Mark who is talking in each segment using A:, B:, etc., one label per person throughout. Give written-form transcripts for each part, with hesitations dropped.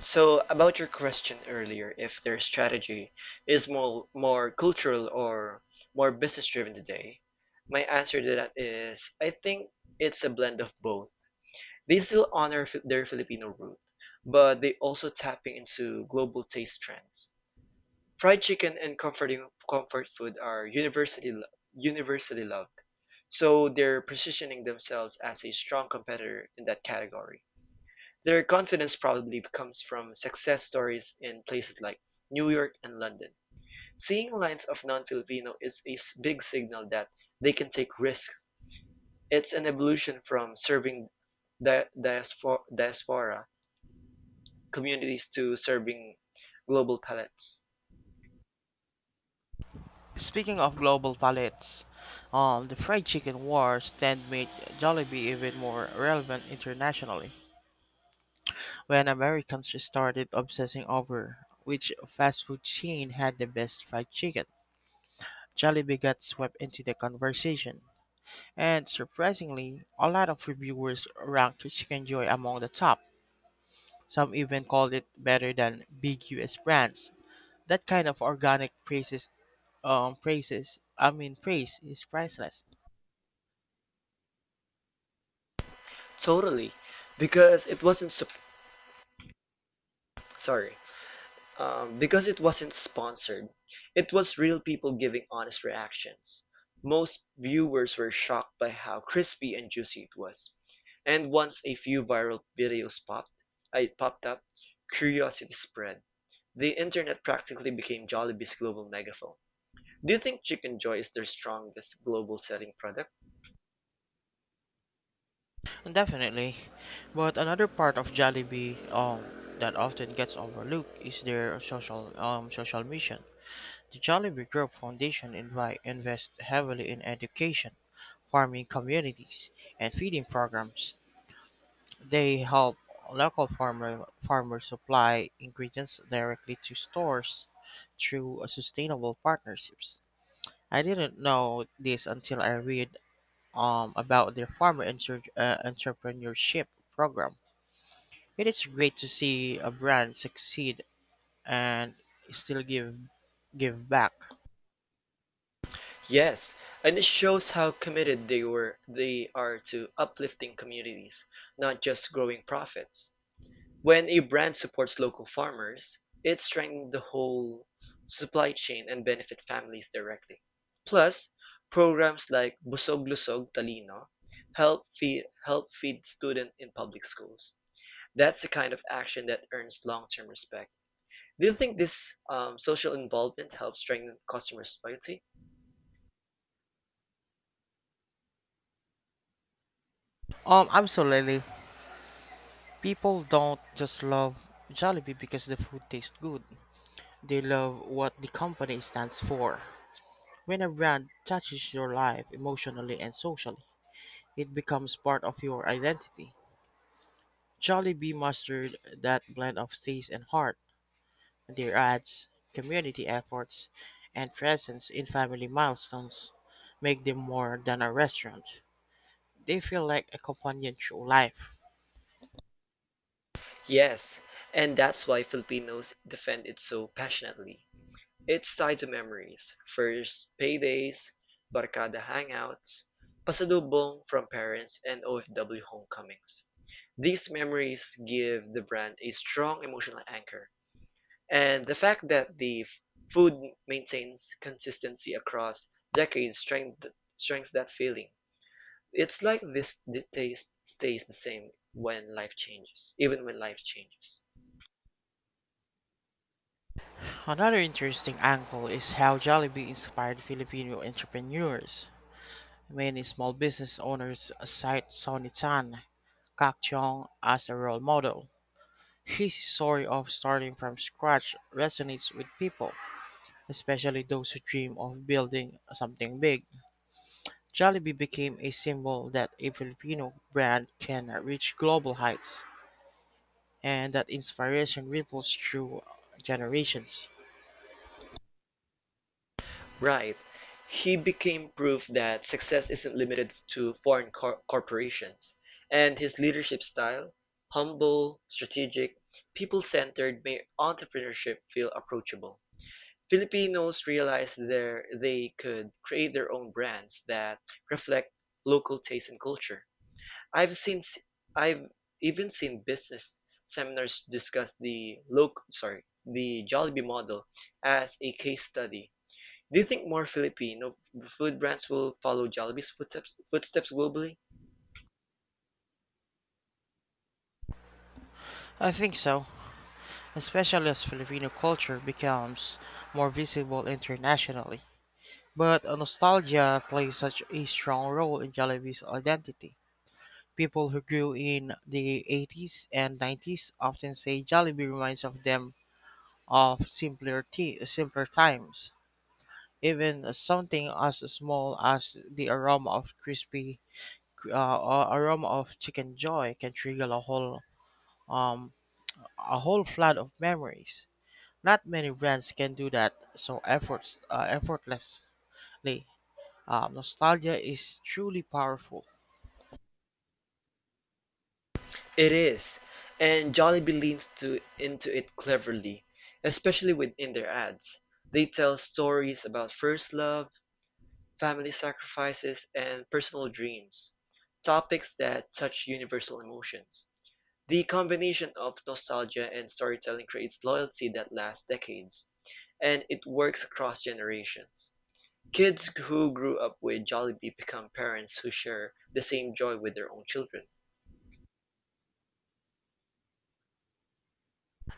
A: So about your question earlier, if their strategy is more cultural or more business driven today, my answer to that is I think it's a blend of both. They still honor their Filipino root, but they also tapping into global taste trends. Fried chicken and comfort food are universally loved, so they're positioning themselves as a strong competitor in that category. Their confidence probably comes from success stories in places like New York and London. Seeing lines of non-Filipino is a big signal that they can take risks. It's an evolution from serving diaspora communities to serving global palettes.
B: Speaking of global palates, the fried chicken wars tend made Jollibee even more relevant internationally. When Americans started obsessing over which fast food chain had the best fried chicken, Jollibee got swept into the conversation. And surprisingly, a lot of reviewers ranked Chicken Joy among the top. Some even called it better than big US brands. That kind of organic praises, I mean praise is priceless.
A: Totally, because it wasn't sup- sorry, because it wasn't sponsored. It was real people giving honest reactions. Most viewers were shocked by how crispy and juicy it was. And once a few viral videos popped up, curiosity spread. The internet practically became Jollibee's global megaphone. Do you think Chicken Joy is their strongest global selling product?
B: Definitely. But another part of Jollibee that often gets overlooked is their social social mission. The Jollibee Group Foundation invests heavily in education, farming communities, and feeding programs. They help local farmers supply ingredients directly to stores through sustainable partnerships. I didn't know this until I read about their farmer entrepreneurship program. It is great to see a brand succeed and still give back.
A: Yes, and it shows how committed they are to uplifting communities, not just growing profits. When a brand supports local farmers, it strengthens the whole supply chain and benefits families directly. Plus, programs like Busog Lusog Talino help feed students in public schools. That's the kind of action that earns long-term respect. Do you think this social involvement helps strengthen customers' loyalty?
B: Absolutely. People don't just love Jollibee because the food tastes good. They love what the company stands for. When a brand touches your life emotionally and socially, it becomes part of your identity. Jollibee mastered that blend of taste and heart. Their ads, community efforts, and presence in family milestones make them more than a restaurant. They feel like a companion through life.
A: Yes, and that's why Filipinos defend it so passionately. It's tied to memories, first paydays, barkada hangouts, pasalubong from parents, and OFW homecomings. These memories give the brand a strong emotional anchor, and the fact that the food maintains consistency across decades strengthens that feeling. It's like this the taste stays the same even when life changes.
B: Another interesting angle is how Jollibee inspired Filipino entrepreneurs. Many small business owners cite Sonny Tan, Kak Chong as a role model. His story of starting from scratch resonates with people, especially those who dream of building something big. Jollibee became a symbol that a Filipino brand can reach global heights, and that inspiration ripples through generations.
A: Right. He became proof that success isn't limited to foreign corporations. And his leadership style, humble, strategic, people-centered, made entrepreneurship feel approachable. Filipinos realized they could create their own brands that reflect local taste and culture. I've seen s- I've even seen business seminars discuss the local sorry the Jollibee model as a case study. Do you think more Filipino food brands will follow Jollibee's footsteps globally?
B: I think so, especially as Filipino culture becomes more visible internationally. But nostalgia plays such a strong role in Jollibee's identity. People who grew in the 80s and 90s often say Jollibee reminds of them of simpler times. Even something as small as the aroma of crispy aroma of chicken joy can trigger um a whole flood of memories. Not many brands can do that so efforts effortlessly. Nostalgia is truly powerful.
A: It is, and Jollibee into it cleverly, especially within their ads. They tell stories about first love, family sacrifices, and personal dreams, topics that touch universal emotions. The combination of nostalgia and storytelling creates loyalty that lasts decades, and it works across generations. Kids who grew up with Jollibee become parents who share the same joy with their own children.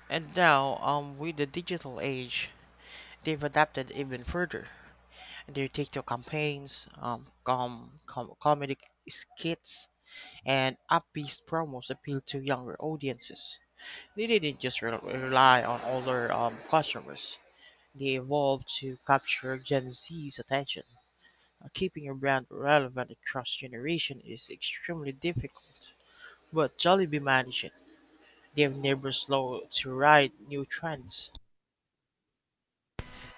B: And now, with the digital age, they've adapted even further. Their TikTok campaigns, comedy skits, and upbeat promos appeal to younger audiences. They didn't just rely on older customers. They evolved to capture Gen Z's attention. Keeping your brand relevant across generation is extremely difficult, but Jollibee managed it. They're never slow to ride new trends.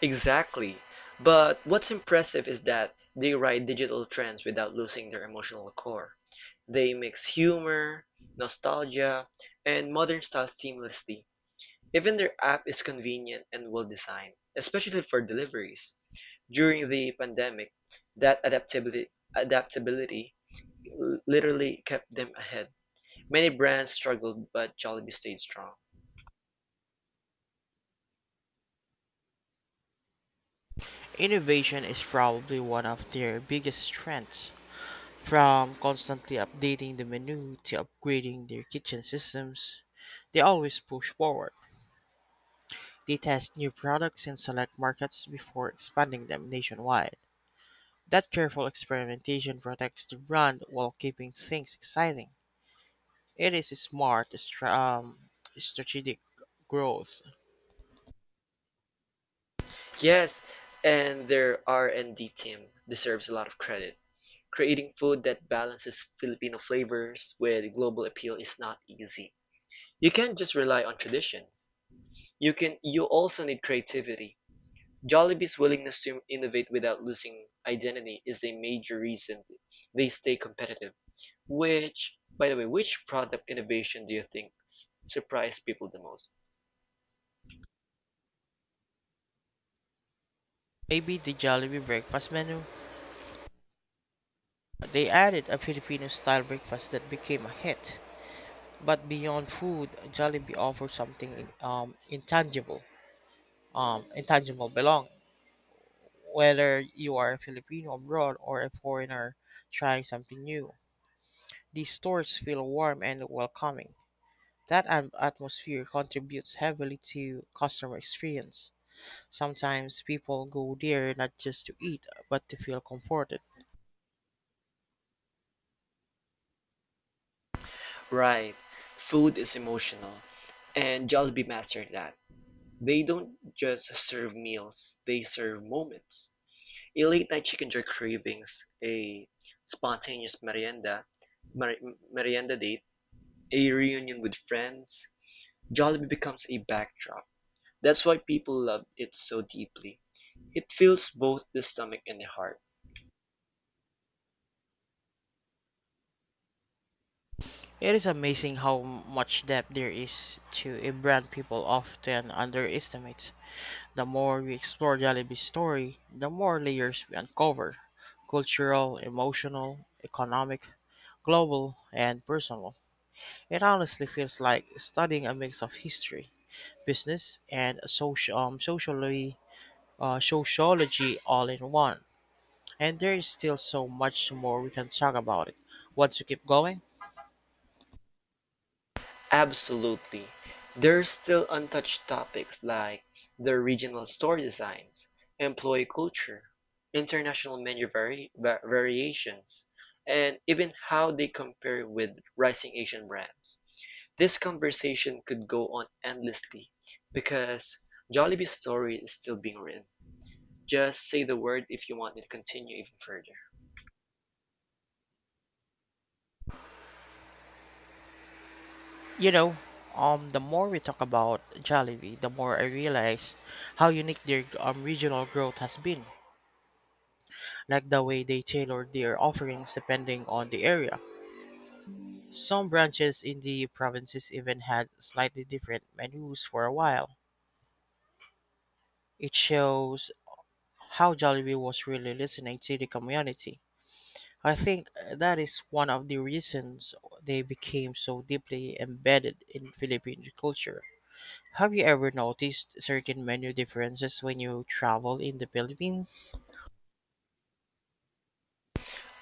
A: Exactly. But what's impressive is that they ride digital trends without losing their emotional core. They mix humor, nostalgia, and modern style seamlessly. Even their app is convenient and well designed, especially for deliveries. During the pandemic, that adaptability, adaptability literally kept them ahead. Many brands struggled, but Jollibee stayed strong.
B: Innovation is probably one of their biggest strengths. From constantly updating the menu to upgrading their kitchen systems, they always push forward. They test new products in select markets before expanding them nationwide. That careful experimentation protects the brand while keeping things exciting. It is smart strategic growth.
A: Yes, and their R&D team deserves a lot of credit. Creating food that balances Filipino flavors with global appeal is not easy. You can't just rely on traditions. You also need creativity. Jollibee's willingness to innovate without losing identity is a major reason they stay competitive. Which, by the way, Which product innovation do you think surprised people the most?
B: Maybe the Jollibee breakfast menu? They added a Filipino style breakfast that became a hit. But beyond food, Jollibee offers something intangible belong. Whether you are a Filipino abroad or a foreigner trying something new, the stores feel warm and welcoming. That atmosphere contributes heavily to customer experience. Sometimes people go there not just to eat, but to feel comforted.
A: Right. Food is emotional, and Jollibee mastered that. They don't just serve meals, they serve moments. A late night chicken jerk cravings, a spontaneous mer- merienda date, a reunion with friends, Jollibee becomes a backdrop. That's why people love it so deeply. It fills both the stomach and the heart.
B: It is amazing how much depth there is to a brand people often underestimate. The more we explore Jollibee's story, the more layers we uncover: cultural, emotional, economic, global, and personal. It honestly feels like studying a mix of history, business, and sociology all in one. And there is still so much more we can talk about it. Once you keep going,
A: Absolutely. There's still untouched topics like the regional store designs, employee culture, international variations, and even how they compare with rising Asian brands. This conversation could go on endlessly because Jollibee's story is still being written. Just say the word if you want it to continue even further.
B: you know, the more we talk about Jollibee, the more I realized how unique their regional growth has been. Like the way they tailor their offerings depending on the area. Some branches in the provinces even had slightly different menus for a while. It shows how Jollibee was really listening to the community. I think that is one of the reasons they became so deeply embedded in Philippine culture. Have you ever noticed certain menu differences when you travel in the Philippines?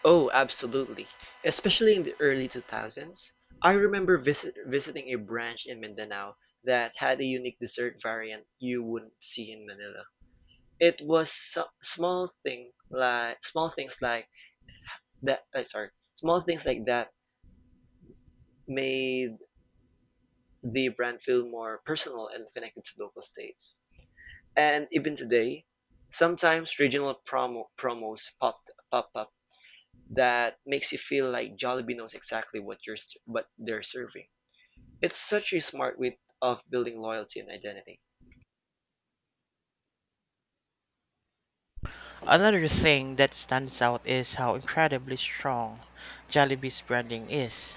A: Oh, absolutely. Especially in the early 2000s. I remember visiting a branch in Mindanao that had a unique dessert variant you wouldn't see in Manila. It was small things like that uh, sorry, small things like that made the brand feel more personal and connected to local states. And even today, sometimes regional promo, promos pop, pop up that makes you feel like Jollibee knows exactly what they're serving. It's such a smart way of building loyalty and identity.
B: Another thing that stands out is how incredibly strong Jollibee's branding is.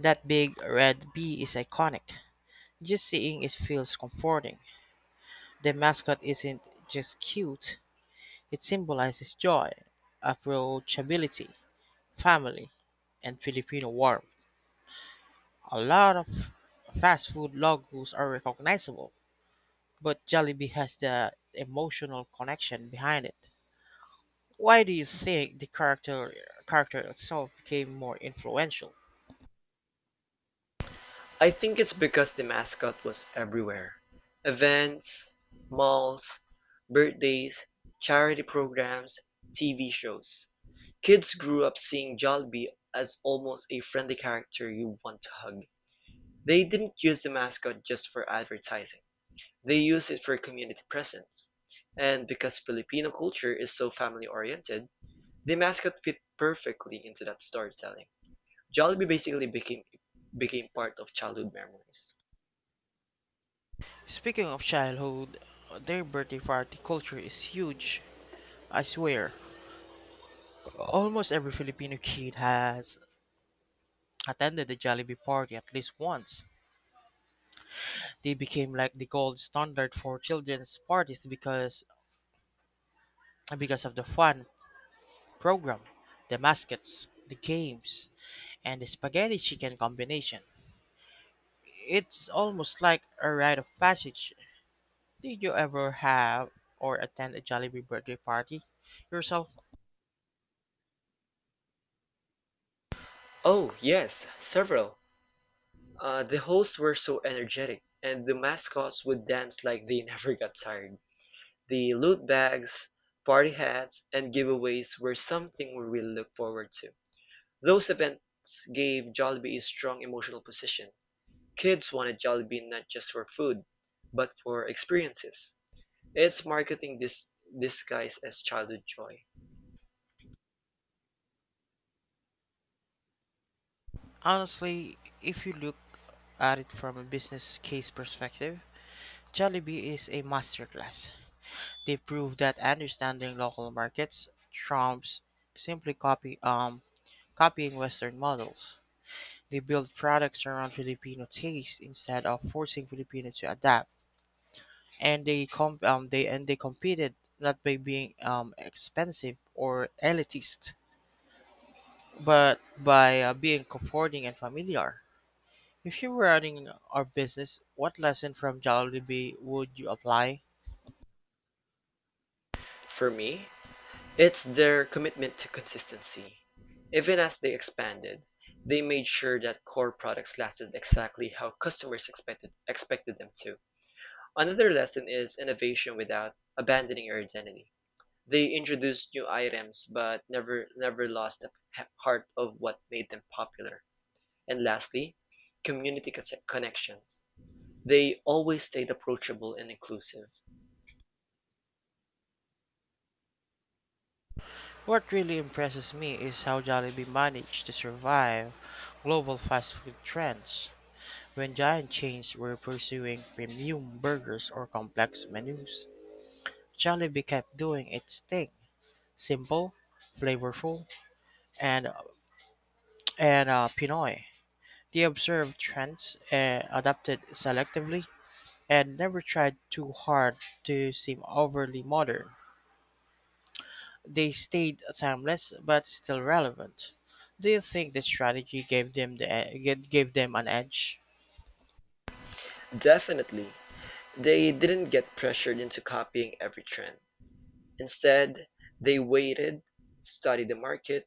B: That big red bee is iconic. Just seeing it feels comforting. The mascot isn't just cute, it symbolizes joy, approachability, family, and Filipino warmth. A lot of fast food logos are recognizable, but Jollibee has the emotional connection behind it. Why do you think the character itself became more influential?
A: I think it's because the mascot was everywhere. Events, malls, birthdays, charity programs, TV shows. Kids grew up seeing Jollibee as almost a friendly character you want to hug. They didn't use the mascot just for advertising. They used it for community presence. And because Filipino culture is so family oriented, the mascot fit perfectly into that storytelling. Jollibee basically became became part of childhood memories.
B: Speaking of childhood, their birthday party culture is huge. I swear, almost every Filipino kid has attended the Jollibee party at least once. They became like the gold standard for children's parties because of the fun program, the mascots, the games, and the spaghetti chicken combination. It's almost like a rite of passage. Did you ever have or attend a Jollibee birthday party yourself?
A: Oh, yes, several. The hosts were so energetic, and the mascots would dance like they never got tired. The loot bags, party hats, and giveaways were something we really look forward to. Those events gave Jollibee a strong emotional position. Kids wanted Jollibee not just for food, but for experiences. It's marketing this disguised as childhood joy.
B: Honestly, if you look at it from a business case perspective, Jollibee is a masterclass. They prove that understanding local markets trumps simply copying Western models. They build products around Filipino taste instead of forcing Filipino to adapt. And they competed not by being expensive or elitist, but by being comforting and familiar. If you were running a business, what lesson from Jollibee would you apply?
A: For me, it's their commitment to consistency. Even as they expanded, they made sure that core products lasted exactly how customers expected them to. Another lesson is innovation without abandoning your identity. They introduced new items but never lost the heart of what made them popular. And lastly, community connections. They always stayed approachable and inclusive.
B: What really impresses me is how Jollibee managed to survive global fast food trends. When giant chains were pursuing premium burgers or complex menus, Jollibee kept doing its thing: simple, flavorful, and, and Pinoy. They observed trends, adapted selectively, and never tried too hard to seem overly modern. They stayed timeless but still relevant. Do you think this strategy gave them the e- ga- gave them an edge?
A: Definitely, they didn't get pressured into copying every trend. Instead, they waited, studied the market,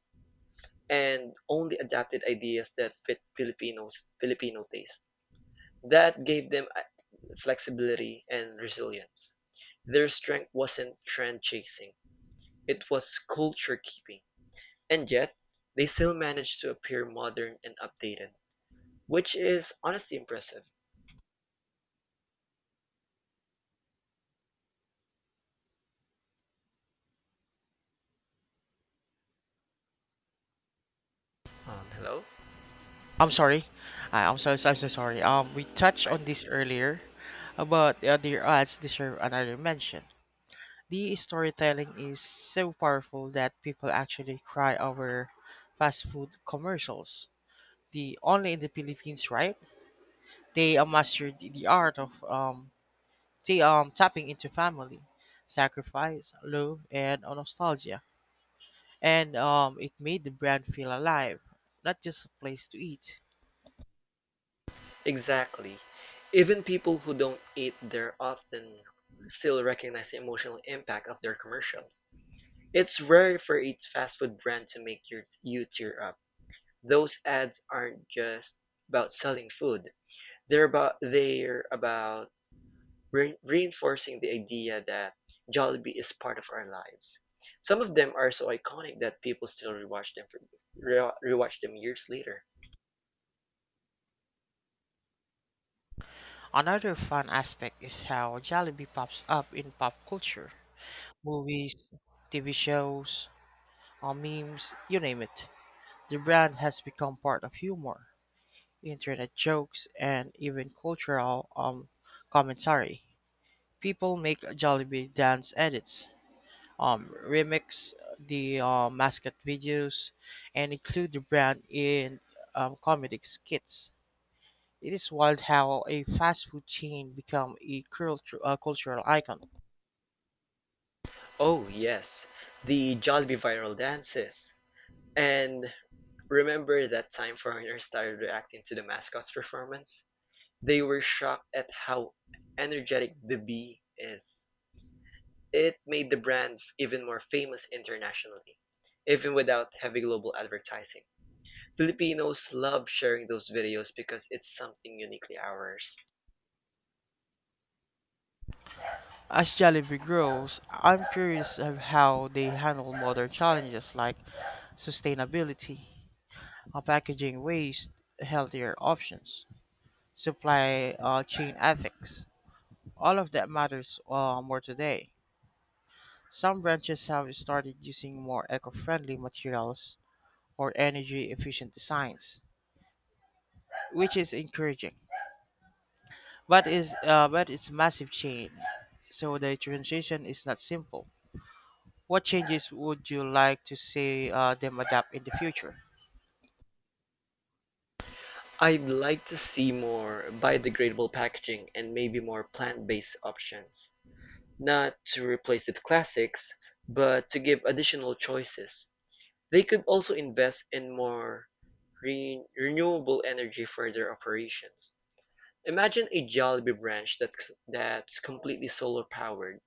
A: and only adapted ideas that fit Filipino taste. That gave them flexibility and resilience. Their strength wasn't trend chasing, it was culture keeping. And yet, they still managed to appear modern and updated, which is honestly impressive. Hello?
B: I'm sorry. I'm so sorry. We touched
A: Hi.
B: on this earlier, but their ads deserve another mention. The storytelling is so powerful that people actually cry over fast food commercials. The only in the Philippines, right? They mastered the art of tapping into family, sacrifice, love, and nostalgia. And it made the brand feel alive, not just a place to eat.
A: Exactly. Even people who don't eat there often still recognize the emotional impact of their commercials. It's rare for a fast food brand to make you tear up. Those ads aren't just about selling food. They're about reinforcing the idea that Jollibee is part of our lives. Some of them are so iconic that people still rewatch them years later.
B: Another fun aspect is how Jollibee pops up in pop culture: movies, TV shows, memes, you name it. The brand has become part of humor, internet jokes, and even cultural commentary. People make Jollibee dance edits, remix the mascot videos, and include the brand in comedic skits. It is wild how a fast food chain become a cultural icon.
A: Oh yes, the Jollibee viral dances. And remember that time foreigners started reacting to the mascot's performance? They were shocked at how energetic the bee is. It made the brand even more famous internationally, even without heavy global advertising. Filipinos love sharing those videos because it's something uniquely ours.
B: As Jollibee grows, I'm curious of how they handle modern challenges like sustainability, packaging waste, healthier options, supply chain ethics. All of that matters more today. Some branches have started using more eco friendly materials or energy efficient designs, which is encouraging. But it's massive change, so the transition is not simple. What changes would you like to see them adapt in the future?
A: I'd like to see more biodegradable packaging and maybe more plant based options. Not to replace the classics, but to give additional choices. They could also invest in more renewable energy for their operations. Imagine a Jollibee branch that's completely solar powered.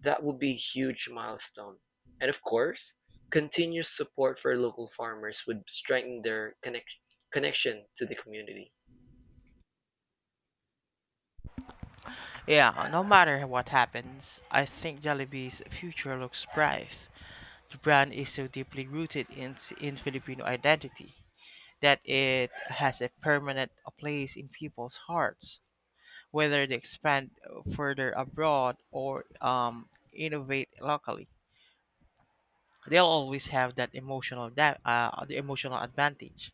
A: That would be a huge milestone. And of course, continuous support for local farmers would strengthen their connection to the community.
B: Yeah, no matter what happens, I think Jollibee's future looks bright. The brand is so deeply rooted in Filipino identity that it has a permanent place in people's hearts, whether they expand further abroad or innovate locally. They'll always have the emotional advantage.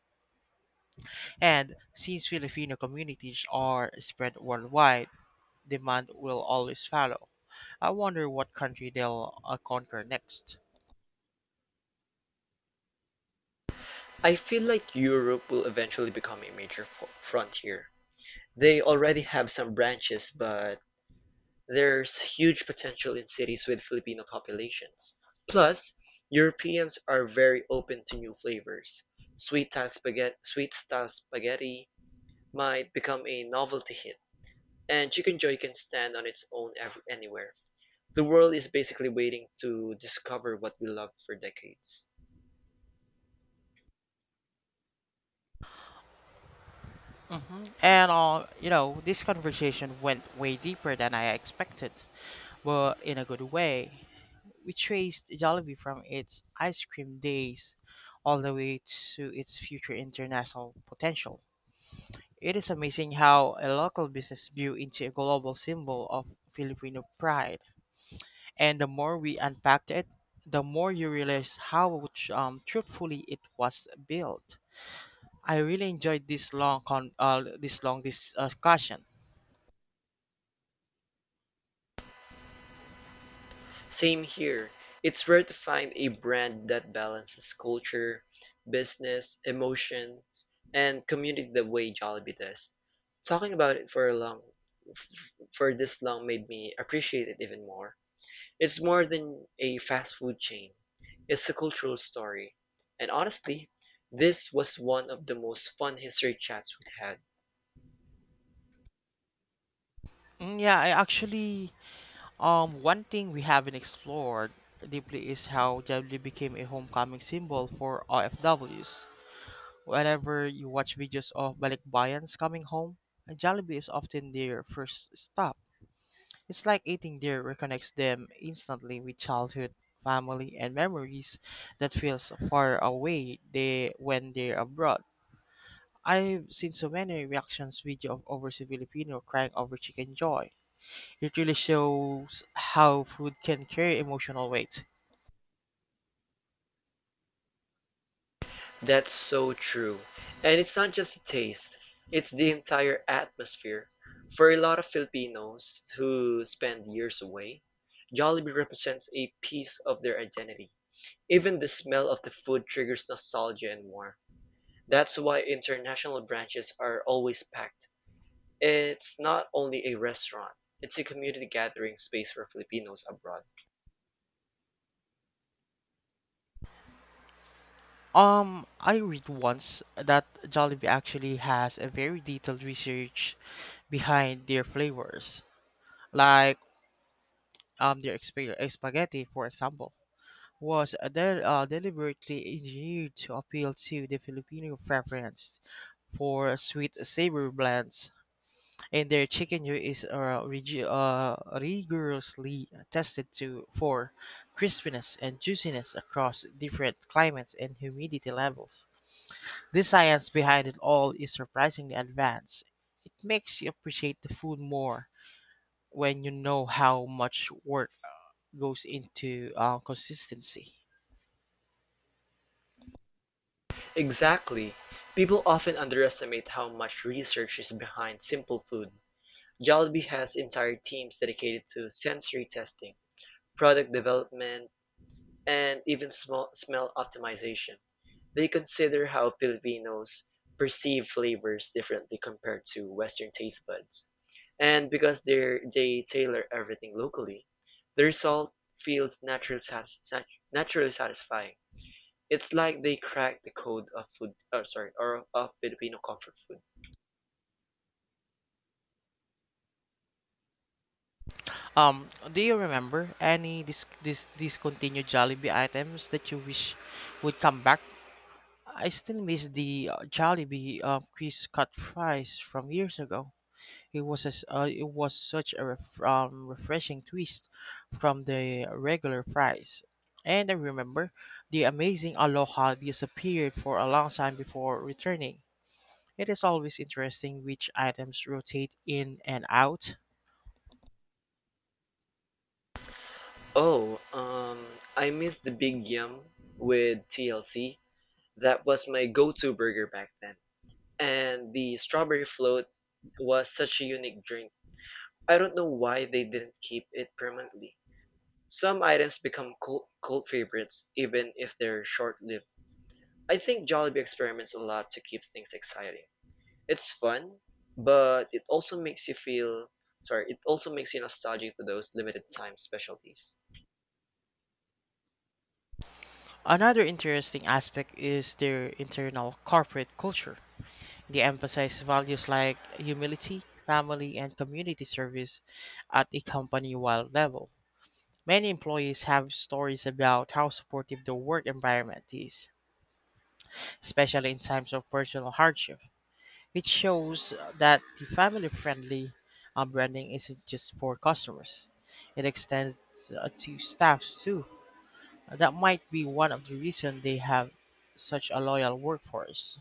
B: And since Filipino communities are spread worldwide, demand will always follow. I wonder what country they'll conquer next.
A: I feel like Europe will eventually become a major frontier. They already have some branches, but there's huge potential in cities with Filipino populations. Plus, Europeans are very open to new flavors. Sweet style spaghetti might become a novelty hit, and chicken joy can stand on its own anywhere. The world is basically waiting to discover what we loved for decades.
B: And you know, this conversation went way deeper than I expected, but in a good way. We traced Jollibee from its ice cream days all the way to its future international potential. It is amazing how a local business grew into a global symbol of Filipino pride. And the more we unpacked it, the more you realize how truthfully it was built. I really enjoyed this this long discussion.
A: Same here. It's rare to find a brand that balances culture, business, emotions, and community the way Jollibee does. Talking about it f- for this long made me appreciate it even more. It's more than a fast food chain. It's a cultural story. And honestly, this was one of the most fun history chats we've had.
B: Mm, yeah, I actually one thing we haven't explored deeply is how Jabli became a homecoming symbol for OFWs. Whenever you watch videos of Balikbayans coming home, Jollibee is often their first stop. It's like eating there reconnects them instantly with childhood, family, and memories that feels far away when they're abroad. I've seen so many reactions video of overseas Filipino crying over chicken joy. It really shows how food can carry emotional weight.
A: That's so true. And it's not just the taste, it's the entire atmosphere. For a lot of Filipinos who spend years away, Jollibee represents a piece of their identity. Even the smell of the food triggers nostalgia and warmth. That's why international branches are always packed. It's not only a restaurant, it's a community gathering space for Filipinos abroad.
B: I read once that Jollibee actually has a very detailed research behind their flavors, like spaghetti, for example, was deliberately engineered to appeal to the Filipino preference for sweet savory blends, and their chicken yolk is rigorously tested to for crispiness and juiciness across different climates and humidity levels. The science behind it all is surprisingly advanced. It makes you appreciate the food more when you know how much work goes into consistency.
A: Exactly. People often underestimate how much research is behind simple food. Jollibee has entire teams dedicated to sensory testing, product development, and even small smell optimization. They consider how Filipinos perceive flavors differently compared to Western taste buds. And because they tailor everything locally, the result feels naturally satisfying. It's like they cracked the code of food, or sorry, or of Filipino comfort food.
B: Um, do you remember any discontinued Jollibee items that you wish would come back? I still miss the Jollibee Chris cut fries from years ago. It it was such a refreshing twist from the regular fries. And I remember the amazing Aloha disappeared for a long time before returning. It is always interesting which items rotate in and out.
A: Oh, I miss the Big Yum with TLC. That was my go-to burger back then. And the strawberry float was such a unique drink. I don't know why they didn't keep it permanently. Some items become cult favorites even if they're short-lived. I think Jollibee experiments a lot to keep things exciting. It's fun, but it also makes you feel, sorry, it also makes you nostalgic to those limited time specialties.
B: Another interesting aspect is their internal corporate culture. They emphasize values like humility, family, and community service at a company wide level. Many employees have stories about how supportive the work environment is, especially in times of personal hardship, which shows that the family friendly branding isn't just for customers, it extends to staffs too. That might be one of the reasons they have such a loyal workforce.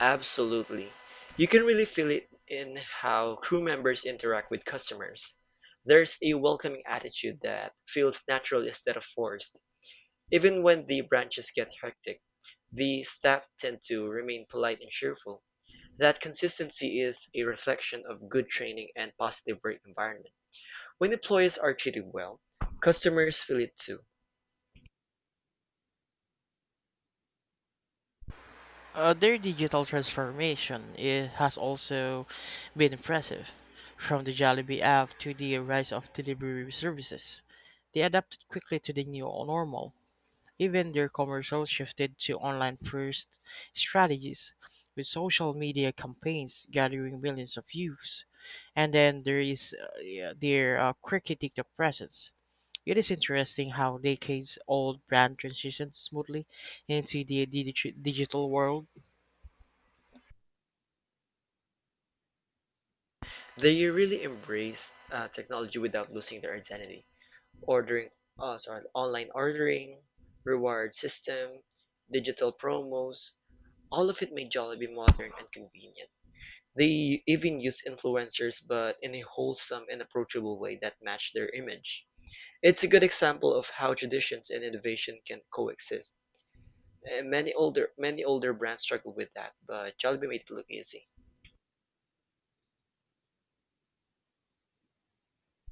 A: Absolutely. You can really feel it in how crew members interact with customers. There's a welcoming attitude that feels natural instead of forced. Even when the branches get hectic, the staff tend to remain polite and cheerful. That consistency is a reflection of good training and positive work environment. When employees are treated well, customers feel it too.
B: Their digital transformation it has also been impressive. From the Jollibee app to the rise of delivery services, they adapted quickly to the new normal. Even their commercial shifted to online first strategies, with social media campaigns gathering millions of views. And then there is yeah, their cricket TikTok presence. It is interesting how decades old brand transitioned smoothly into the digital world.
A: They really embrace technology without losing their identity. Ordering, sorry, online ordering, reward system, digital promos, all of it made Jollibee modern and convenient. They even use influencers, but in a wholesome and approachable way that matched their image. It's a good example of how traditions and innovation can coexist. And many older brands struggle with that, but Jollibee made it look easy.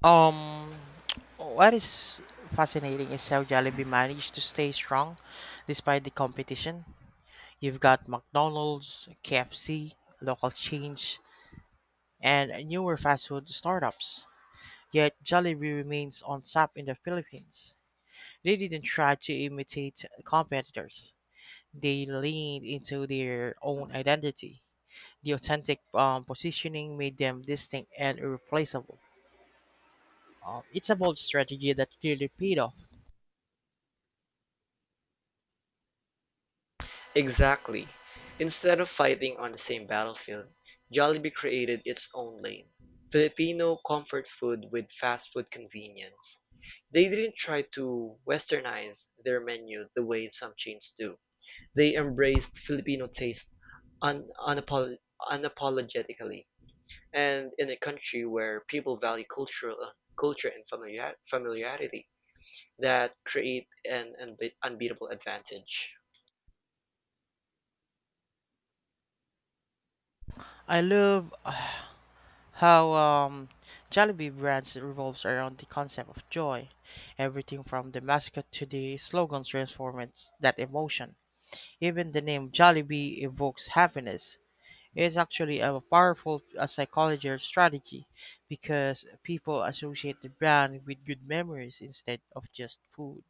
B: Um, what is fascinating is how Jollibee managed to stay strong despite the competition. You've got McDonald's, KFC, local chains, and newer fast food startups. Yet Jollibee remains on top in the Philippines. They didn't try to imitate competitors. They leaned into their own identity. The authentic positioning made them distinct and irreplaceable. It's a bold strategy that clearly paid off.
A: Exactly. Instead of fighting on the same battlefield, Jollibee created its own lane. Filipino comfort food with fast food convenience. They didn't try to westernize their menu the way some chains do. They embraced Filipino taste un- unapol- unapologetically. And in a country where people value cultural culture and familiarity, that create an unbeatable advantage.
B: I love how Jollibee brands revolves around the concept of joy. Everything from the mascot to the slogans transforms that emotion. Even the name Jollibee evokes happiness. It's actually a powerful psychological strategy because people associate the brand with good memories instead of just food.